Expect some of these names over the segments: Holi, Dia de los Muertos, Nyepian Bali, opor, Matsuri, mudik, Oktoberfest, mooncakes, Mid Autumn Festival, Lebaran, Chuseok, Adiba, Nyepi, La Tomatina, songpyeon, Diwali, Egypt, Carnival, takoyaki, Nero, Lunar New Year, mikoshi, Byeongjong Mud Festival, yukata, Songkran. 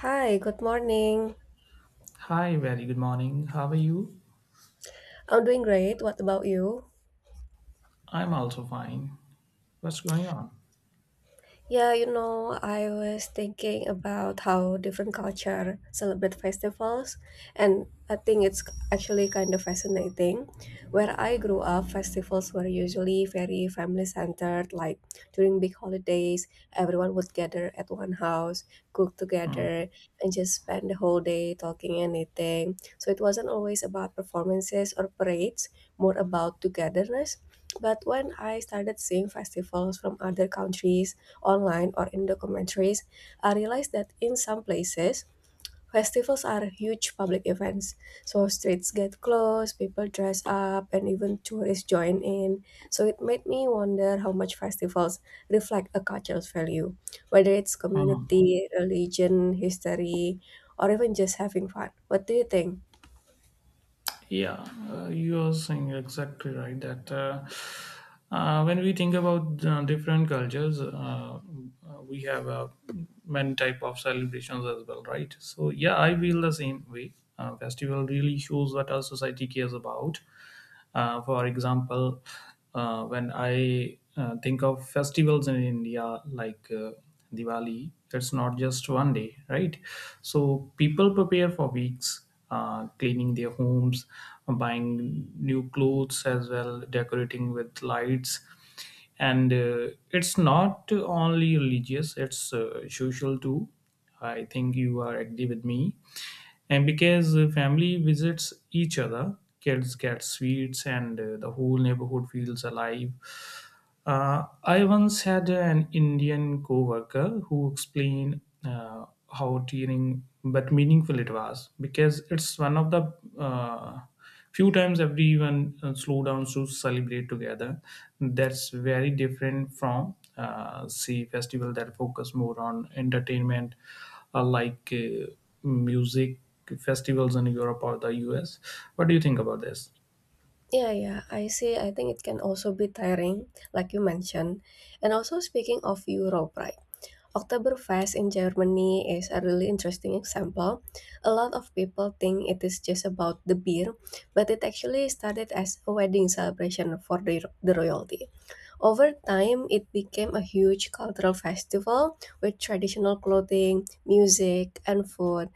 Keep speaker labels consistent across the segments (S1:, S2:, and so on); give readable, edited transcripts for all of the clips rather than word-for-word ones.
S1: Hi, good morning.
S2: Hi, very good morning. How are you?
S1: I'm doing great. What about you?
S2: I'm also fine. What's going on?
S1: I was thinking about how different culture celebrate festivals, and I think it's actually kind of fascinating. Where I grew up, festivals were usually very family-centered. Like during big holidays, everyone would gather at one house, cook
S2: Hmm.
S1: together, and just spend the whole day talking and eating. So it wasn't always about performances or parades, more about togetherness. But when I started seeing festivals from other countries, online or in documentaries, I realized that in some places, festivals are huge public events. So streets get closed, people dress up, and even tourists join in. So it made me wonder how much festivals reflect a culture's value, whether it's community, religion, history, or even just having fun. What do you think?
S2: Yeah, you are saying exactly right that when we think about different cultures, we have many type of celebrations as well, right? So yeah, I feel the same way. Festival really shows what our society cares about. For example, when I think of festivals in India like Diwali, it's not just one day, right? So people prepare for weeks, cleaning their homes, buying new clothes as well, decorating with lights, and it's not only religious, it's social too. I think you are agree with me, and because family visits each other, kids get sweets and the whole neighborhood feels alive. I once had an Indian coworker who explained uh, how tiring but meaningful it was, because it's one of the uh, few times everyone slow down to celebrate together. That's very different from say festival that focus more on entertainment, like music festivals in Europe or the US. What do you think about this?
S1: Yeah, yeah, I see. I think it can also be tiring, like you mentioned. And also, speaking of Europe, right? Oktoberfest in Germany is a really interesting example. A lot of people think it is just about the beer, but it actually started as a wedding celebration for the royalty. Over time, it became a huge cultural festival with traditional clothing, music, and food.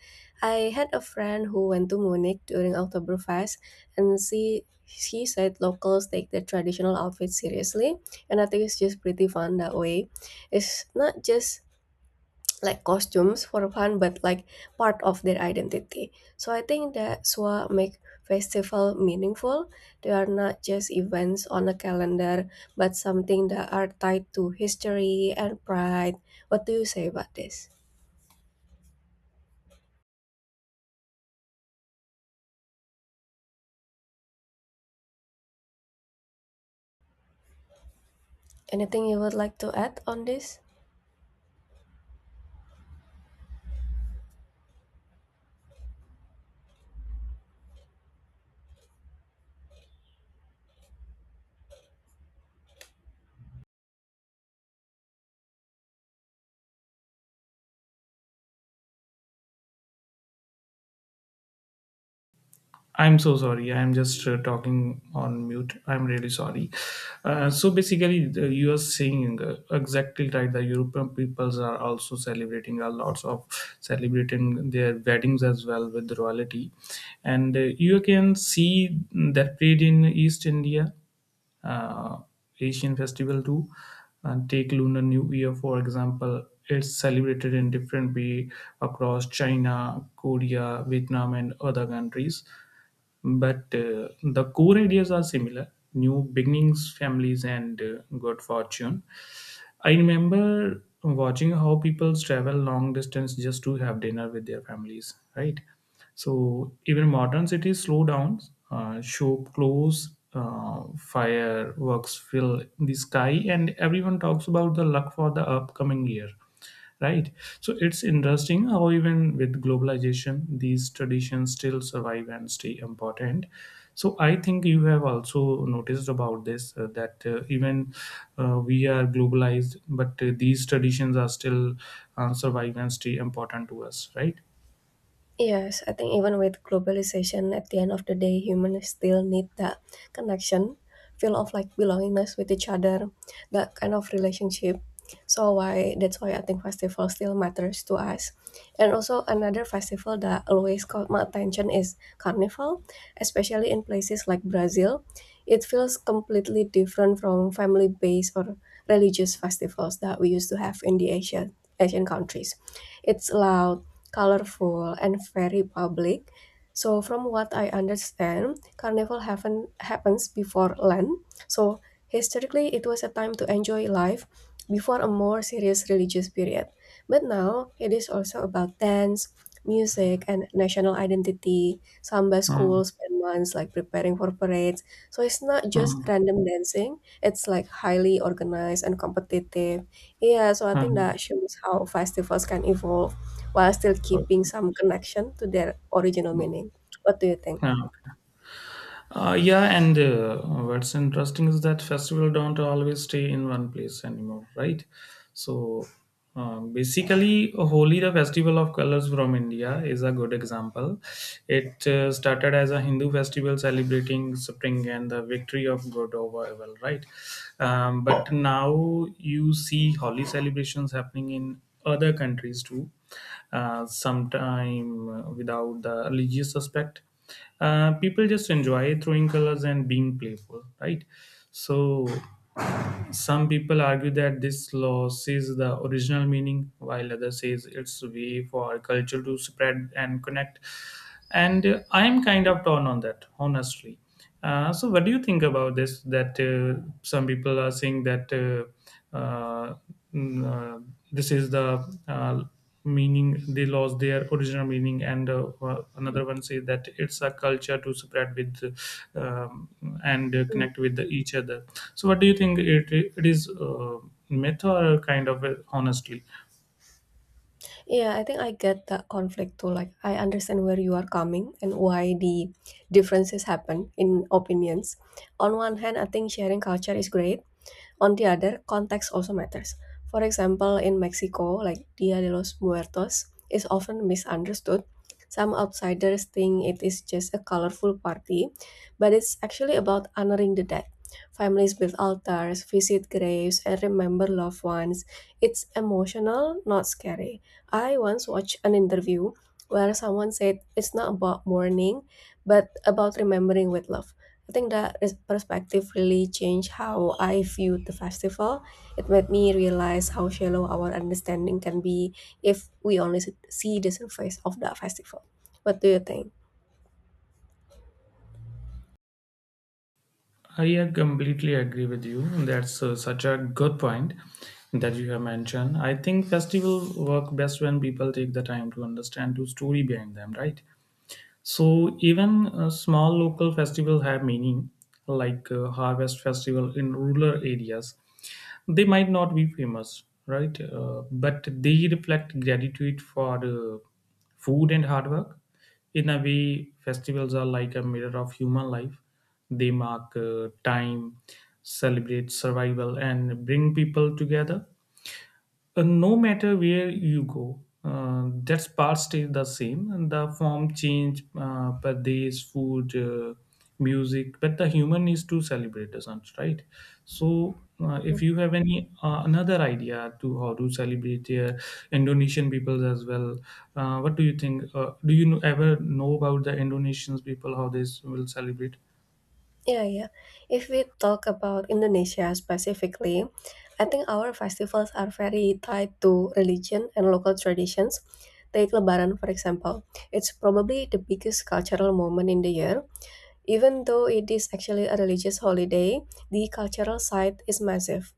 S1: I had a friend who went to Munich during Oktoberfest, and she said locals take their traditional outfits seriously, and I think it's just pretty fun that way. It's not just like costumes for fun, but like part of their identity. So I think that's what make festival meaningful. They are not just events on a calendar, but something that are tied to history and pride. What do you say about this? Anything you would like to add on this?
S2: I'm so sorry. I'm just talking on mute. I'm really sorry. So basically, you are saying exactly right. The European peoples are also celebrating a lots of celebrating their weddings as well with royalty, and you can see that played in East India uh, Asian festival too. And take Lunar New Year for example. It's celebrated in different way across China, Korea, Vietnam, and other countries. But the core ideas are similar: new beginnings, families, and good fortune. I remember watching how people travel long distance just to have dinner with their families, right? So even modern cities slow down, shop close, fireworks fill the sky, and everyone talks about the luck for the upcoming year, right? So it's interesting how even with globalization these traditions still survive and stay important. So I think you have also noticed about this, that even we are globalized but these traditions are still survive and stay important to us, right?
S1: Yes, I think even with globalization, at the end of the day, humans still need that connection, feel of like belongingness with each other, that kind of relationship. So why that's why I think festival still matters to us. And also another festival that always caught my attention is Carnival, especially in places like Brazil. It feels completely different from family-based or religious festivals that we used to have in the Asian countries. It's loud, colorful and very public. So from what I understand, carnival happens before Lent. So historically, it was a time to enjoy life before a more serious religious period. But now it is also about dance, music, and national identity. Samba
S2: Uh,
S1: schools spend months like preparing for parades. So it's not just
S2: uh,
S1: random dancing. It's like highly organized and competitive. Yeah, so I
S2: uh,
S1: think that shows how festivals can evolve while still
S2: uh,
S1: keeping some connection to their original meaning. What do you think?
S2: uh. Yeah, and what's interesting is that festival don't always stay in one place anymore, right? So basically, Holi, the festival of colors from India, is a good example. It started as a Hindu festival celebrating spring and the victory of good over evil, right? But now you see Holi celebrations happening in other countries too, sometime without the religious aspect. People just enjoy throwing colors and being playful, right? So some people argue that this law is the original meaning, while others says it's a way for culture to spread and connect. And I'm kind of torn on that, honestly. So what do you think about this? That some people are saying that. Uh, mm, uh, this is the meaning, they lost their original meaning, and another one says that it's a culture to spread with, um, and
S1: Mhm.
S2: connect with each other. So what do you think, it is, myth or kind of, honestly?
S1: Yeah, I think I get that conflict too. Like, I understand where you are coming and why the differences happen in opinions. On one hand, I think sharing culture is great. On the other, context also matters. For example, in Mexico, like Dia de los Muertos is often misunderstood. Some outsiders think it is just a colorful party, but it's actually about honoring the dead. Families build altars, visit graves, and remember loved ones. It's emotional, not scary. I once watched an interview where someone said it's not about mourning, but about remembering with love. I think that is- Perspective really changed how I viewed the festival. It made me realize how shallow our understanding can be if we only see the surface of that festival. What do you think?
S2: I completely agree with you. That's such a good point that you have mentioned. I think festival work best when people take the time to understand the story behind them, right? So even small local festivals have meaning, like harvest festival in rural areas. They might not be famous, right? But they reflect gratitude for food and hard work. In a way, festivals are like a mirror of human life. They mark time, celebrate survival, and bring people together. No matter where you go, that part stays the same, and the form change per days, food, music, but the human is to celebrate, doesn't right? So, if you have any another idea to how to celebrate here, Indonesian people as well, what do you think? Do you know, ever know about the Indonesians people how they will celebrate?
S1: Yeah, yeah. If we talk about Indonesia specifically, I think our festivals are very tied to religion and local traditions. Take Lebaran, for example. It's probably the biggest cultural moment in the year. Even though it is actually a religious holiday, the cultural side is massive,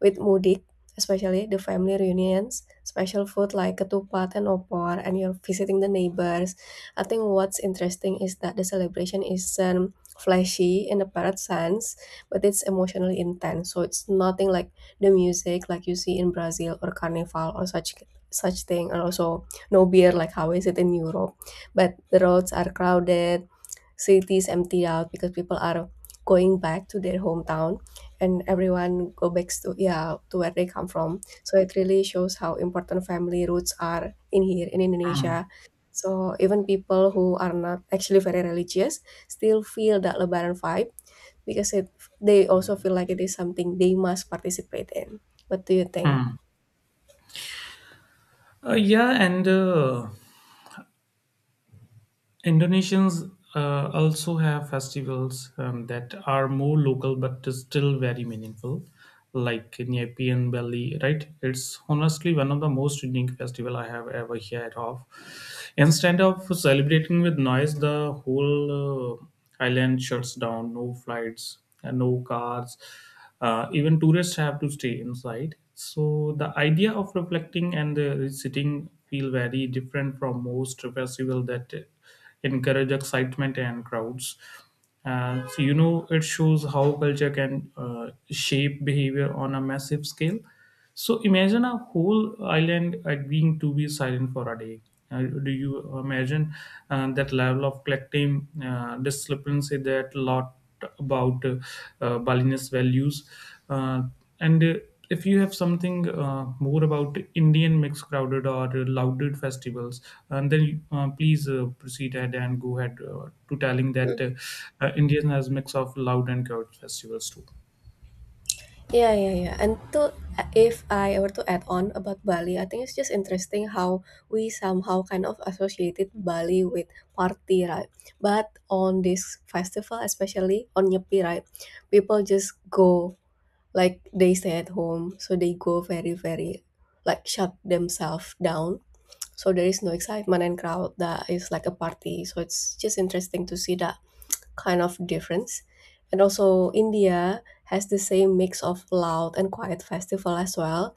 S1: with mudik, especially the family reunions, special food like ketupat and opor, and you're visiting the neighbors. I think what's interesting is that the celebration isn't flashy in the parrot sense, but it's emotionally intense. So it's nothing like the music like you see in Brazil or Carnival or such thing, and also no beer like how is it in Europe. But the roads are crowded, cities emptied out because people are going back to their hometown, and everyone go back to, yeah, to where they come from. So it really shows how important family roots are in here in Indonesia. So even people who are not actually very religious still feel that Lebaran vibe because they also feel like it is something they must participate in. What do you think?
S2: Hmm. Yeah, and Indonesians also have festivals that are more local but is still very meaningful, like Nyepian Bali, right? It's honestly one of the most unique festival I have ever heard of. Instead of celebrating with noise, the whole island shuts down. No flights, and no cars. Even tourists have to stay inside. So the idea of reflecting and sitting feel very different from most festival that encourage excitement and crowds. So you know, it shows how culture can shape behavior on a massive scale. So imagine a whole island agreeing to be silent for a day. Do you imagine that level of collective discrepancy that lot about, Balinese values. Uh, and if you have something more about Indian mixed crowded or festivals, and then please proceed ahead and go ahead to telling that, Indian has mix of loud and crowded festivals too.
S1: Yeah, yeah, yeah. And to if I were to add on about Bali, I think it's just interesting how we somehow kind of associated Bali with party, right? But on this festival, especially on Nyepi, right, people just go, like they stay at home, so they go very, very like shut themselves down. So there is no excitement and crowd that is like a party. So it's just interesting to see that kind of difference. And also, India has the same mix of loud and quiet festival as well.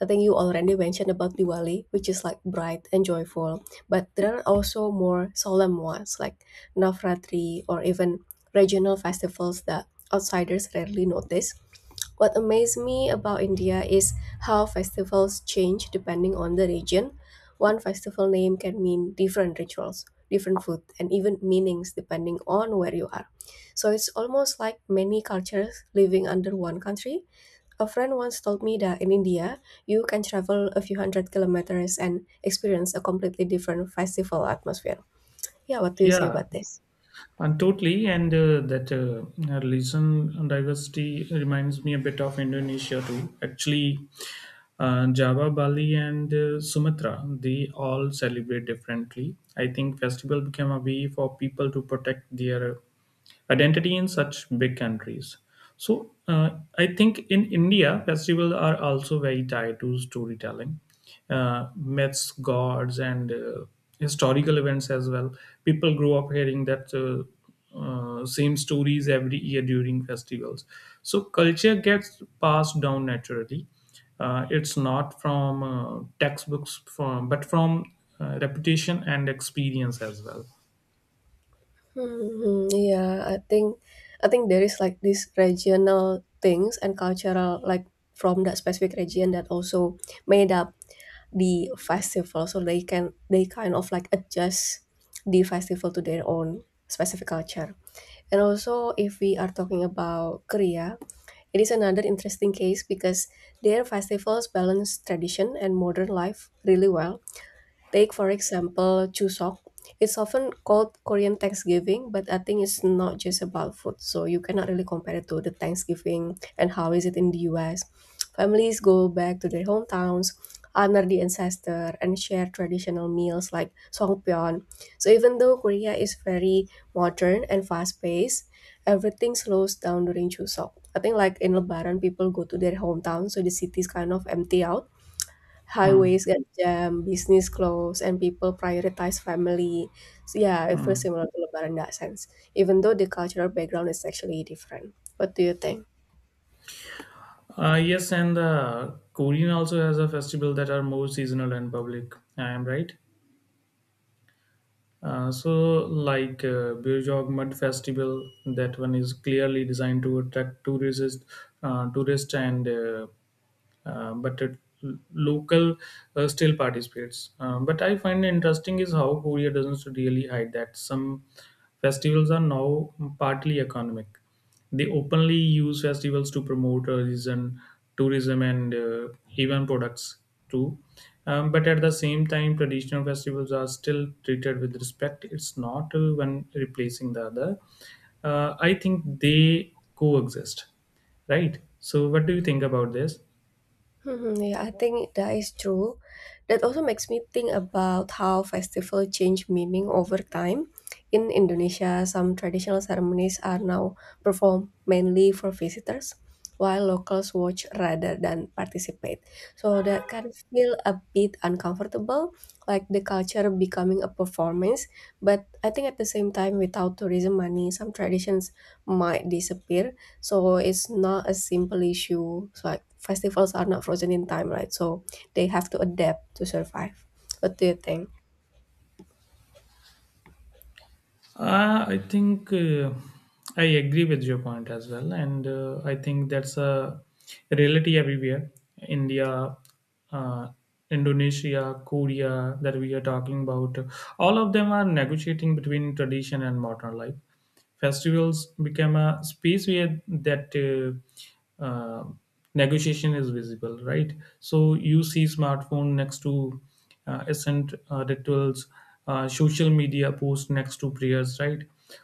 S1: I think you already mentioned about Diwali, which is like bright and joyful, but there are also more solemn ones like Navratri or even regional festivals that outsiders rarely notice. What amazed me about India is how festivals change depending on the region. One festival name can mean different rituals, different food, and even meanings depending on where you are. So it's almost like many cultures living under one country. A friend once told me that in India, you can travel a few hundred kilometers and experience a completely different festival atmosphere. Yeah, what do you say
S2: Yeah,
S1: about this?
S2: and totally, and that religion diversity reminds me a bit of Indonesia too. Actually, Java, Bali, and Sumatra, they all celebrate differently. I think festival became a way for people to protect their identity in such big countries. So I think in India, festivals are also very tied to storytelling, myths, gods, and historical events as well. People grow up hearing that, same stories every year during festivals. So culture gets passed down naturally. It's not from textbooks, from but from reputation and experience as well.
S1: Mhm, yeah, I think there is like these regional things and cultural like from that specific region that also made up the festival, so they kind of like adjust the festival to their own specific culture. And also, if we are talking about Korea, it is another interesting case because their festivals balance tradition and modern life really well. Take, for example, Chuseok. It's often called Korean Thanksgiving, but I think it's not just about food. So you cannot really compare it to the Thanksgiving and how is it in the US. Families go back to their hometowns, honor the ancestor, and share traditional meals like songpyeon. So even though Korea is very modern and fast-paced, everything slows down during Chuseok. I think like in Lebaran, people go to their hometown, so the city is kind of empty out,
S2: Hmm.
S1: highways get jammed, business close, and people prioritize family. So yeah, it feels
S2: Hmm.
S1: similar to Lebaran in that sense, even though the cultural background is actually different. What do you think?
S2: Yes, and the Korean also has a festival that are more seasonal and public. I am right. So like Byeongjong Mud Festival, that one is clearly designed to attract tourists, tourists and, but local still participates. But I find interesting is how Korea doesn't really hide that some festivals are now partly economic. They openly use festivals to promote tourism, tourism and even products too. But at the same time, traditional festivals are still treated with respect. It's not one replacing the other. I think they coexist, right? So, what do you think about this?
S1: Hmm, yeah, I think that is true. That also makes me think about how festival change meaning over time. In Indonesia, some traditional ceremonies are now performed mainly for visitors, while locals watch rather than participate. So that can feel a bit uncomfortable, like the culture becoming a performance. But I think at the same time, without tourism money, some traditions might disappear. So it's not a simple issue. So like festivals are not frozen in time, right? So they have to adapt to survive. What do you think?
S2: I think, I agree with your point as well, and I think that's a reality everywhere. India, uh, Indonesia, Korea, that we are talking about, all of them are negotiating between tradition and modern life. Festivals become a space where that, negotiation is visible, right? So you see smartphone next to ascent rituals, social media post next to prayers, right?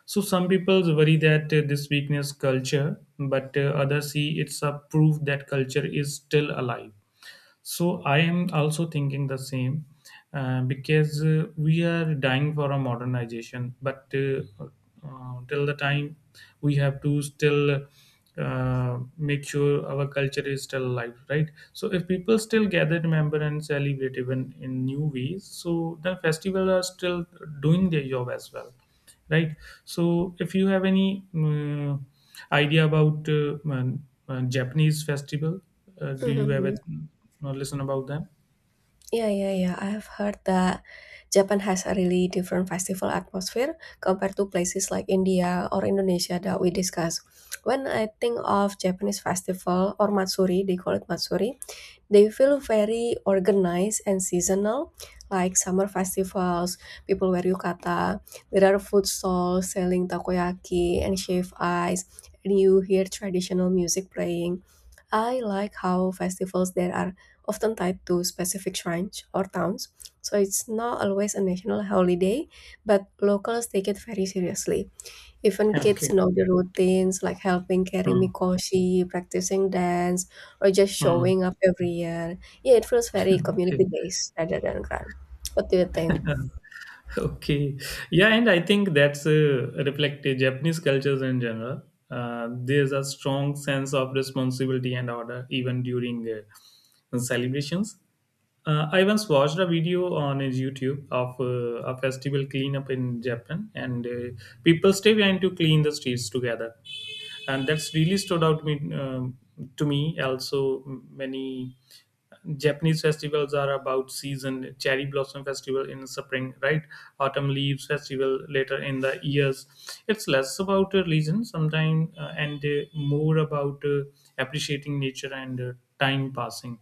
S2: So some people worry that this weakness culture, but others see it's a proof that culture is still alive. So I am also thinking the same, because we are dying for a modernization, but, till the time we have to still make sure our culture is still alive, right? So if people still gather, remember, and celebrate even in new ways, so the festivals are still doing their job as well, right? So if you have any idea about, Japanese festival, do you
S1: Hmm.
S2: ever listen about them?
S1: Yeah, yeah, yeah. I have heard that Japan has a really different festival atmosphere compared to places like India or Indonesia that we discuss. When I think of Japanese festival or Matsuri, they call it Matsuri. They feel very organized and seasonal, like summer festivals, people wear yukata. There are food stalls selling takoyaki and shaved ice, and you hear traditional music playing. I like how festivals there are often tied to specific shrines or towns, so it's not always a national holiday, but locals take it very seriously. Even kids
S2: Okay.
S1: know the routines, like helping carry
S2: Hmm.
S1: mikoshi, practicing dance, or just
S2: Hmm.
S1: showing up every year. Yeah, it feels very
S2: Okay.
S1: community based rather than grand. What do you think?
S2: Okay. Yeah, and I think that's reflective Japanese cultures in general. There's a strong sense of responsibility and order even during celebrations. I once watched a video on his YouTube of a festival cleanup in Japan, and people stay behind to clean the streets together, and that's really stood out me, to me. Also, many Japanese festivals are about season. Cherry blossom festival in spring, right? Autumn leaves festival later in the years. It's less about a religion sometimes, and more about appreciating nature and time passing.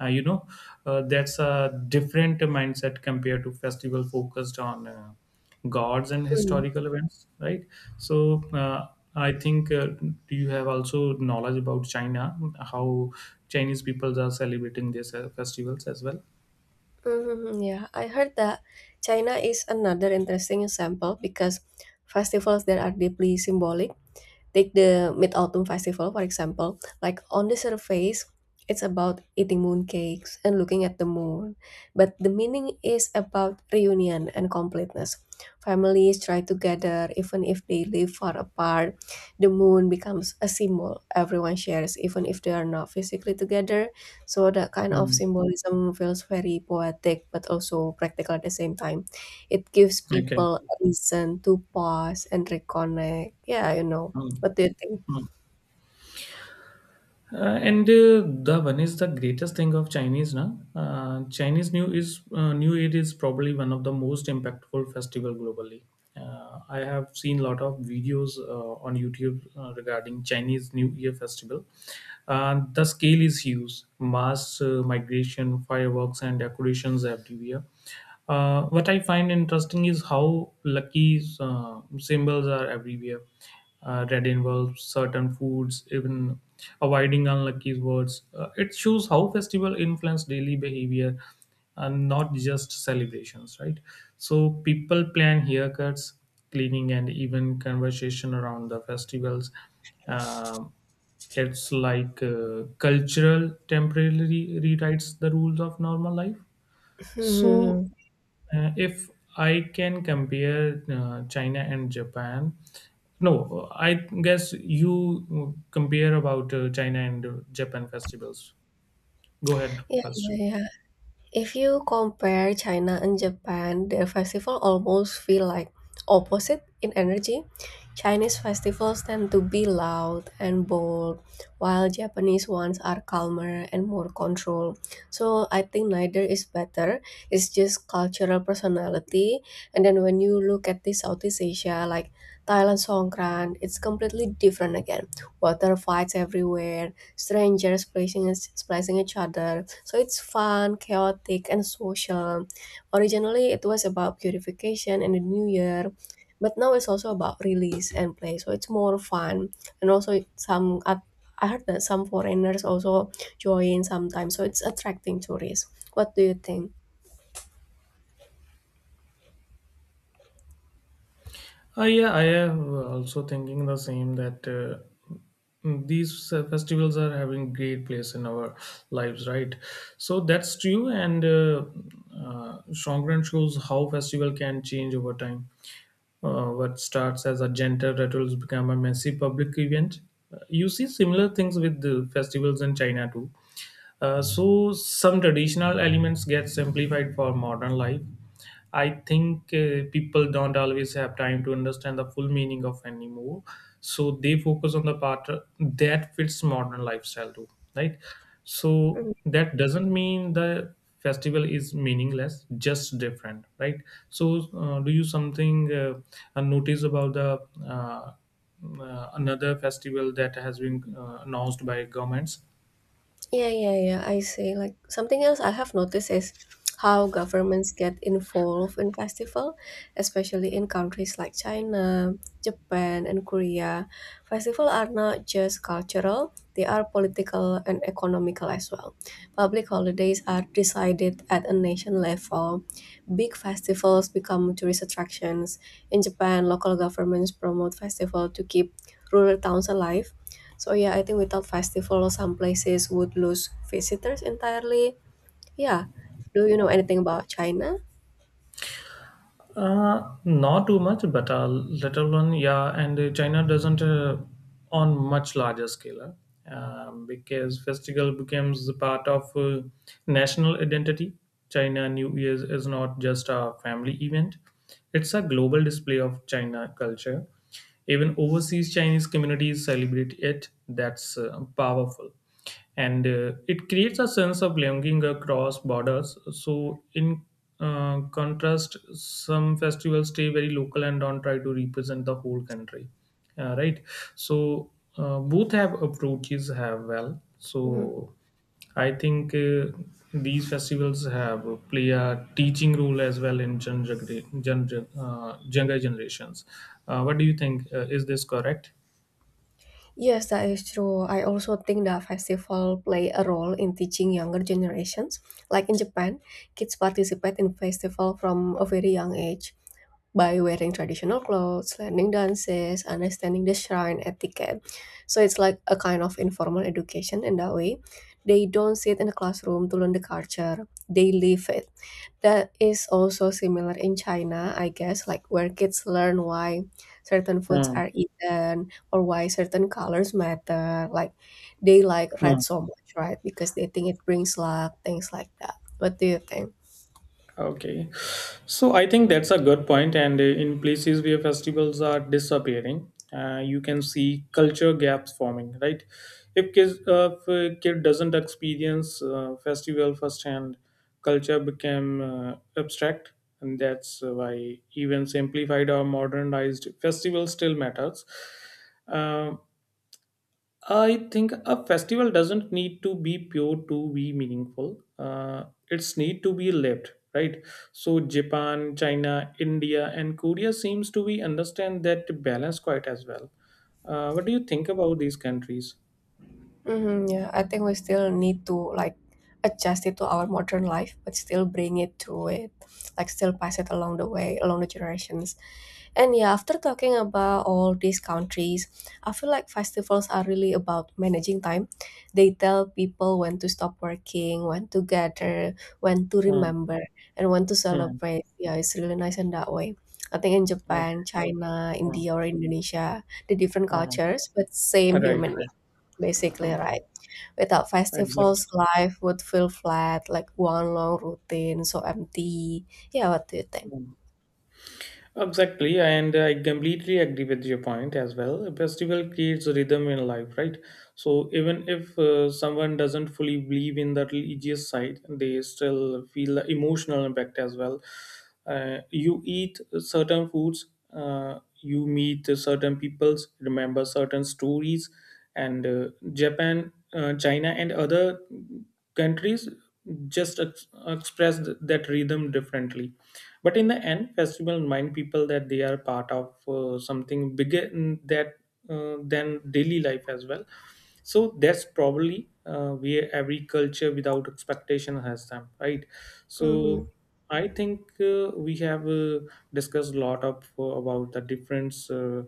S2: uh, you know that's a different mindset compared to festival focused on gods and
S1: Mm.
S2: historical events, right? So uh, I think, do you have also knowledge about China, how Chinese people are celebrating their festivals as well?
S1: Hmm, yeah, I heard that China is another interesting example because festivals there are deeply symbolic. Take the Mid Autumn Festival, for example. Like on the surface, it's about eating mooncakes and looking at the moon, but the meaning is about reunion and completeness. Families try to gather even if they live far apart. The moon becomes a symbol everyone shares, even if they are not physically together. So that kind of
S2: Mm,
S1: symbolism feels very poetic but also practical at the same time. It gives
S2: okay.
S1: people a reason to pause and reconnect. Yeah. What do you think?
S2: Mm. And the one is the greatest thing of Chinese now. Chinese New Year is probably one of the most impactful festival globally. I have seen a lot of videos on YouTube regarding Chinese New Year festival. The scale is huge: mass migration, fireworks, and decorations everywhere. What I find interesting is how lucky symbols are everywhere. Red involves certain foods, even avoiding unlucky words. It shows how festival influence daily behavior and not just celebrations, right? So people plan haircuts, cleaning, and even conversation around the festivals. Um, it's like cultural temporarily rewrites the rules of normal life so,
S1: Hmm.
S2: if I can compare China and Japan, no, I guess you compare about China and Japan festivals. Go ahead
S1: Yeah,
S2: first.
S1: yeah, yeah. If you compare China and Japan, their festival almost feel like opposite in energy. Chinese festivals tend to be loud and bold, while Japanese ones are calmer and more controlled. So I think neither is better. It's just cultural personality. And then when you look at the Southeast Asia, like Thailand Songkran, it's completely different again. Water fights everywhere, strangers splicing each other. So it's fun, chaotic, and social. Originally, it was about purification and the new year, but now it's also about release and play. So it's more fun, and also some. I heard that some foreigners also join sometimes, so it's attracting tourists. What do you think?
S2: Yeah, I am also thinking the same that these festivals are having great place in our lives, right? So that's true, and Shongren shows how festival can change over time. What starts as a gentle ritual has become a massive public event. You see similar things with the festivals in China too. So some traditional elements get simplified for modern life. I think people don't always have time to understand the full meaning of anymore, so they focus on the part that fits modern lifestyle too, right? So that doesn't mean the festival is meaningless, just different, right? So do you something notice about the uh, another festival that has been announced by governments?
S1: Yeah, yeah, yeah. I see. Like something else I have noticed is how governments get involved in festival, especially in countries like China, Japan, and Korea. Festival are not just cultural; they are political and economical as well. Public holidays are decided at a nation level. Big festivals become tourist attractions. In Japan, local governments promote festival to keep rural towns alive. So yeah, I think without festival, some places would lose visitors entirely. Yeah. Do you know anything about China?
S2: Not too much, but a little one, yeah. And China doesn't on much larger scale because festival becomes a part of national identity. China New Year's is not just a family event; it's a global display of China culture. Even overseas Chinese communities celebrate it. That's powerful, and it creates a sense of belonging across borders. So in contrast, some festivals stay very local and don't try to represent the whole country, right. So both have approaches have well. So
S1: Mhm.
S2: I think these festivals have play a teaching role as well in younger younger generations. What do you think, is this correct?
S1: Yes, that is true. I also think that festival play a role in teaching younger generations. Like in Japan, kids participate in festival from a very young age by wearing traditional clothes, learning dances, understanding the shrine etiquette. So it's like a kind of informal education in that way. They don't sit in a classroom to learn the culture. They live it. That is also similar in China, I guess, like where kids learn why certain foods
S2: Hmm.
S1: are eaten or why certain colors matter. Like they like red so much, right? Because they think it brings luck, things like that. What do you think?
S2: Okay, so I think that's a good point, and in places where festivals are disappearing, you can see culture gaps forming. Right, if kids, if a kid doesn't experience festival firsthand, culture became abstract, and that's why even simplified or modernized festival still matters. Um I think a festival doesn't need to be pure to be meaningful. It's need to be lived, right? So Japan, China, India, and Korea seems to be understand that balance quite as well. What do you think about these countries?
S1: Mm-hmm, yeah, I think we still need to like adjust it to our modern life, but still bring it to it, like still pass it along the way, along the generations. And yeah, after talking about all these countries, I feel like festivals are really about managing time. They tell people when to stop working, when to gather, when to
S2: Hmm,
S1: remember, and when to
S2: hmm,
S1: celebrate. Yeah, it's really nice in that way. I think in
S2: okay,
S1: Japan, China,
S2: hmm,
S1: India, or Indonesia, the different
S2: hmm.
S1: cultures, but same
S2: Right,
S1: human
S2: right.
S1: basically,
S2: Um,
S1: right? Without
S2: exactly.
S1: festivals, life would feel flat, like one long routine, so empty. Yeah, what do you think?
S2: Hmm. Exactly, and I completely agree with your point as well. A festival creates a rhythm in life, right? So even if someone doesn't fully believe in the religious side, they still feel the emotional impact as well. You eat certain foods, you meet certain peoples, remember certain stories, and Japan, China, and other countries just express that rhythm differently, but in the end festival remind people that they are part of something bigger in that, than daily life as well. So that's probably where every culture without expectation has them, right?
S1: Mm-hmm.
S2: So I think we have discussed a lot of about the different uh,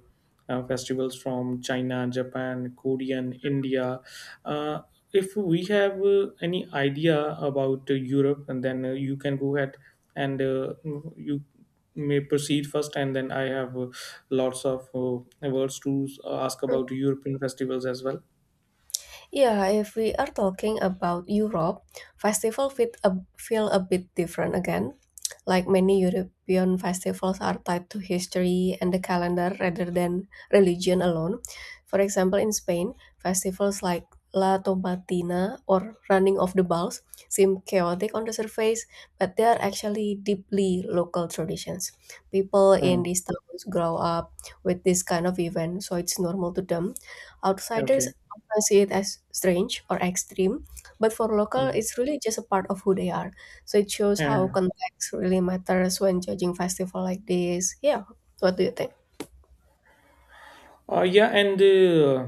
S2: uh, festivals from China, Japan, Korean, India. uh, if we have any idea about Europe, and then you can go ahead, and you may proceed first, and then I have lots of words to ask about European festivals as well.
S1: Yeah, if we are talking about Europe, feel a bit different again. Like many European festivals are tied to history and the calendar rather than religion alone. For example, in Spain, festivals like La Tomatina or Running of the Bulls seem chaotic on the surface, but they are actually deeply local traditions. People in
S2: Hmm,
S1: these towns grow up with this kind of event, so it's normal to them. Outsiders
S2: okay,
S1: I see it as strange or extreme, but for local,
S2: hmm,
S1: it's really just a part of who they are. So it shows how
S2: yeah.
S1: context really matters when judging festival like this. Yeah, what do you think?
S2: Yeah, and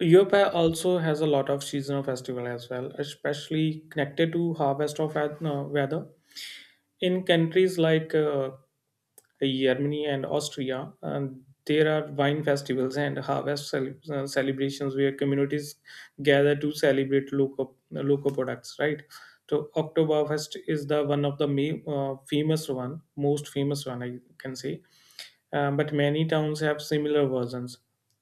S2: Europe also has a lot of seasonal festival as well, especially connected to harvest of weather. In countries like Germany and Austria. And there are wine festivals and celebrations where communities gather to celebrate local local products. Right. So Oktoberfest is the one of the famous one, most famous one I can say, but many towns have similar versions.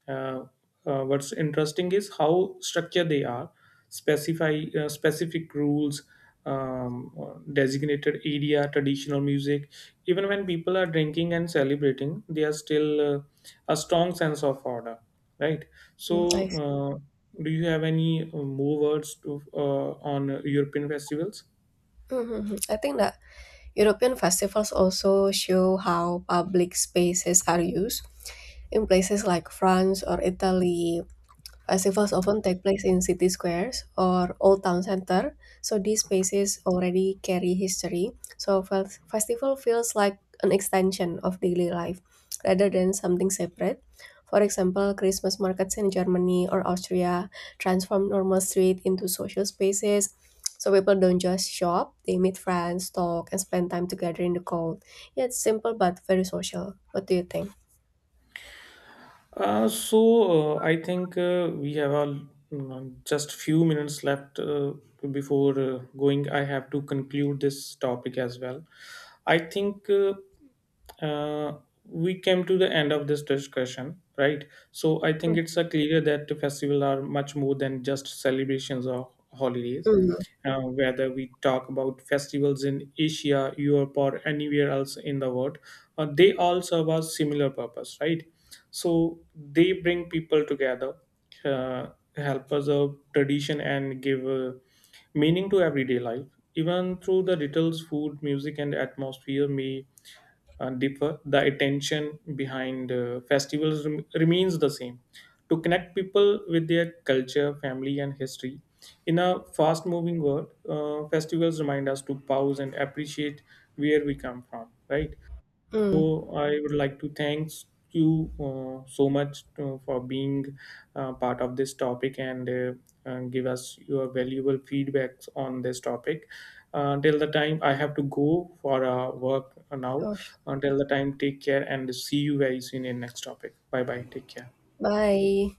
S2: Uh, what's interesting is how structured they are. Specify specific rules, designated area, traditional music. Even when people are drinking and celebrating, there are still a strong sense of order, right? So,
S1: Mm, I see.
S2: do you have any more words to, on European festivals?
S1: Mhm. I think that European festivals also show how public spaces are used in places like France or Italy. Festivals often take place in city squares or old town center, so these spaces already carry history. So festival feels like an extension of daily life rather than something separate. For example, Christmas markets in Germany or Austria transform normal street into social spaces. So people don't just shop, they meet friends, talk, and spend time together in the cold. Yeah, it's simple but very social. What do you think?
S2: So I think we have a, just few minutes left before going. I have to conclude this topic as well. I think uh, we came to the end of this discussion, right? So I
S1: Mm,
S2: think it's clear that the festival are much more than just celebrations or holidays.
S1: mm,
S2: Whether we talk about festivals in Asia, Europe, or anywhere else in the world, they all serve a similar purpose, right? So they bring people together, uh, help us of tradition, and give meaning to everyday life. Even through the rituals, food, music, and atmosphere may differ, the attention behind festivals remains the same to connect people with their culture, family, and history. In a fast moving world, festivals remind us to pause and appreciate where we come from, right?
S1: mm.
S2: So I would like to thank you so much for being part of this topic, and give us your valuable feedbacks on this topic. Till the time I have to go for work now.
S1: Sure.
S2: Until the time, take care and see you very soon in the next topic. Bye bye. Take care.
S1: Bye.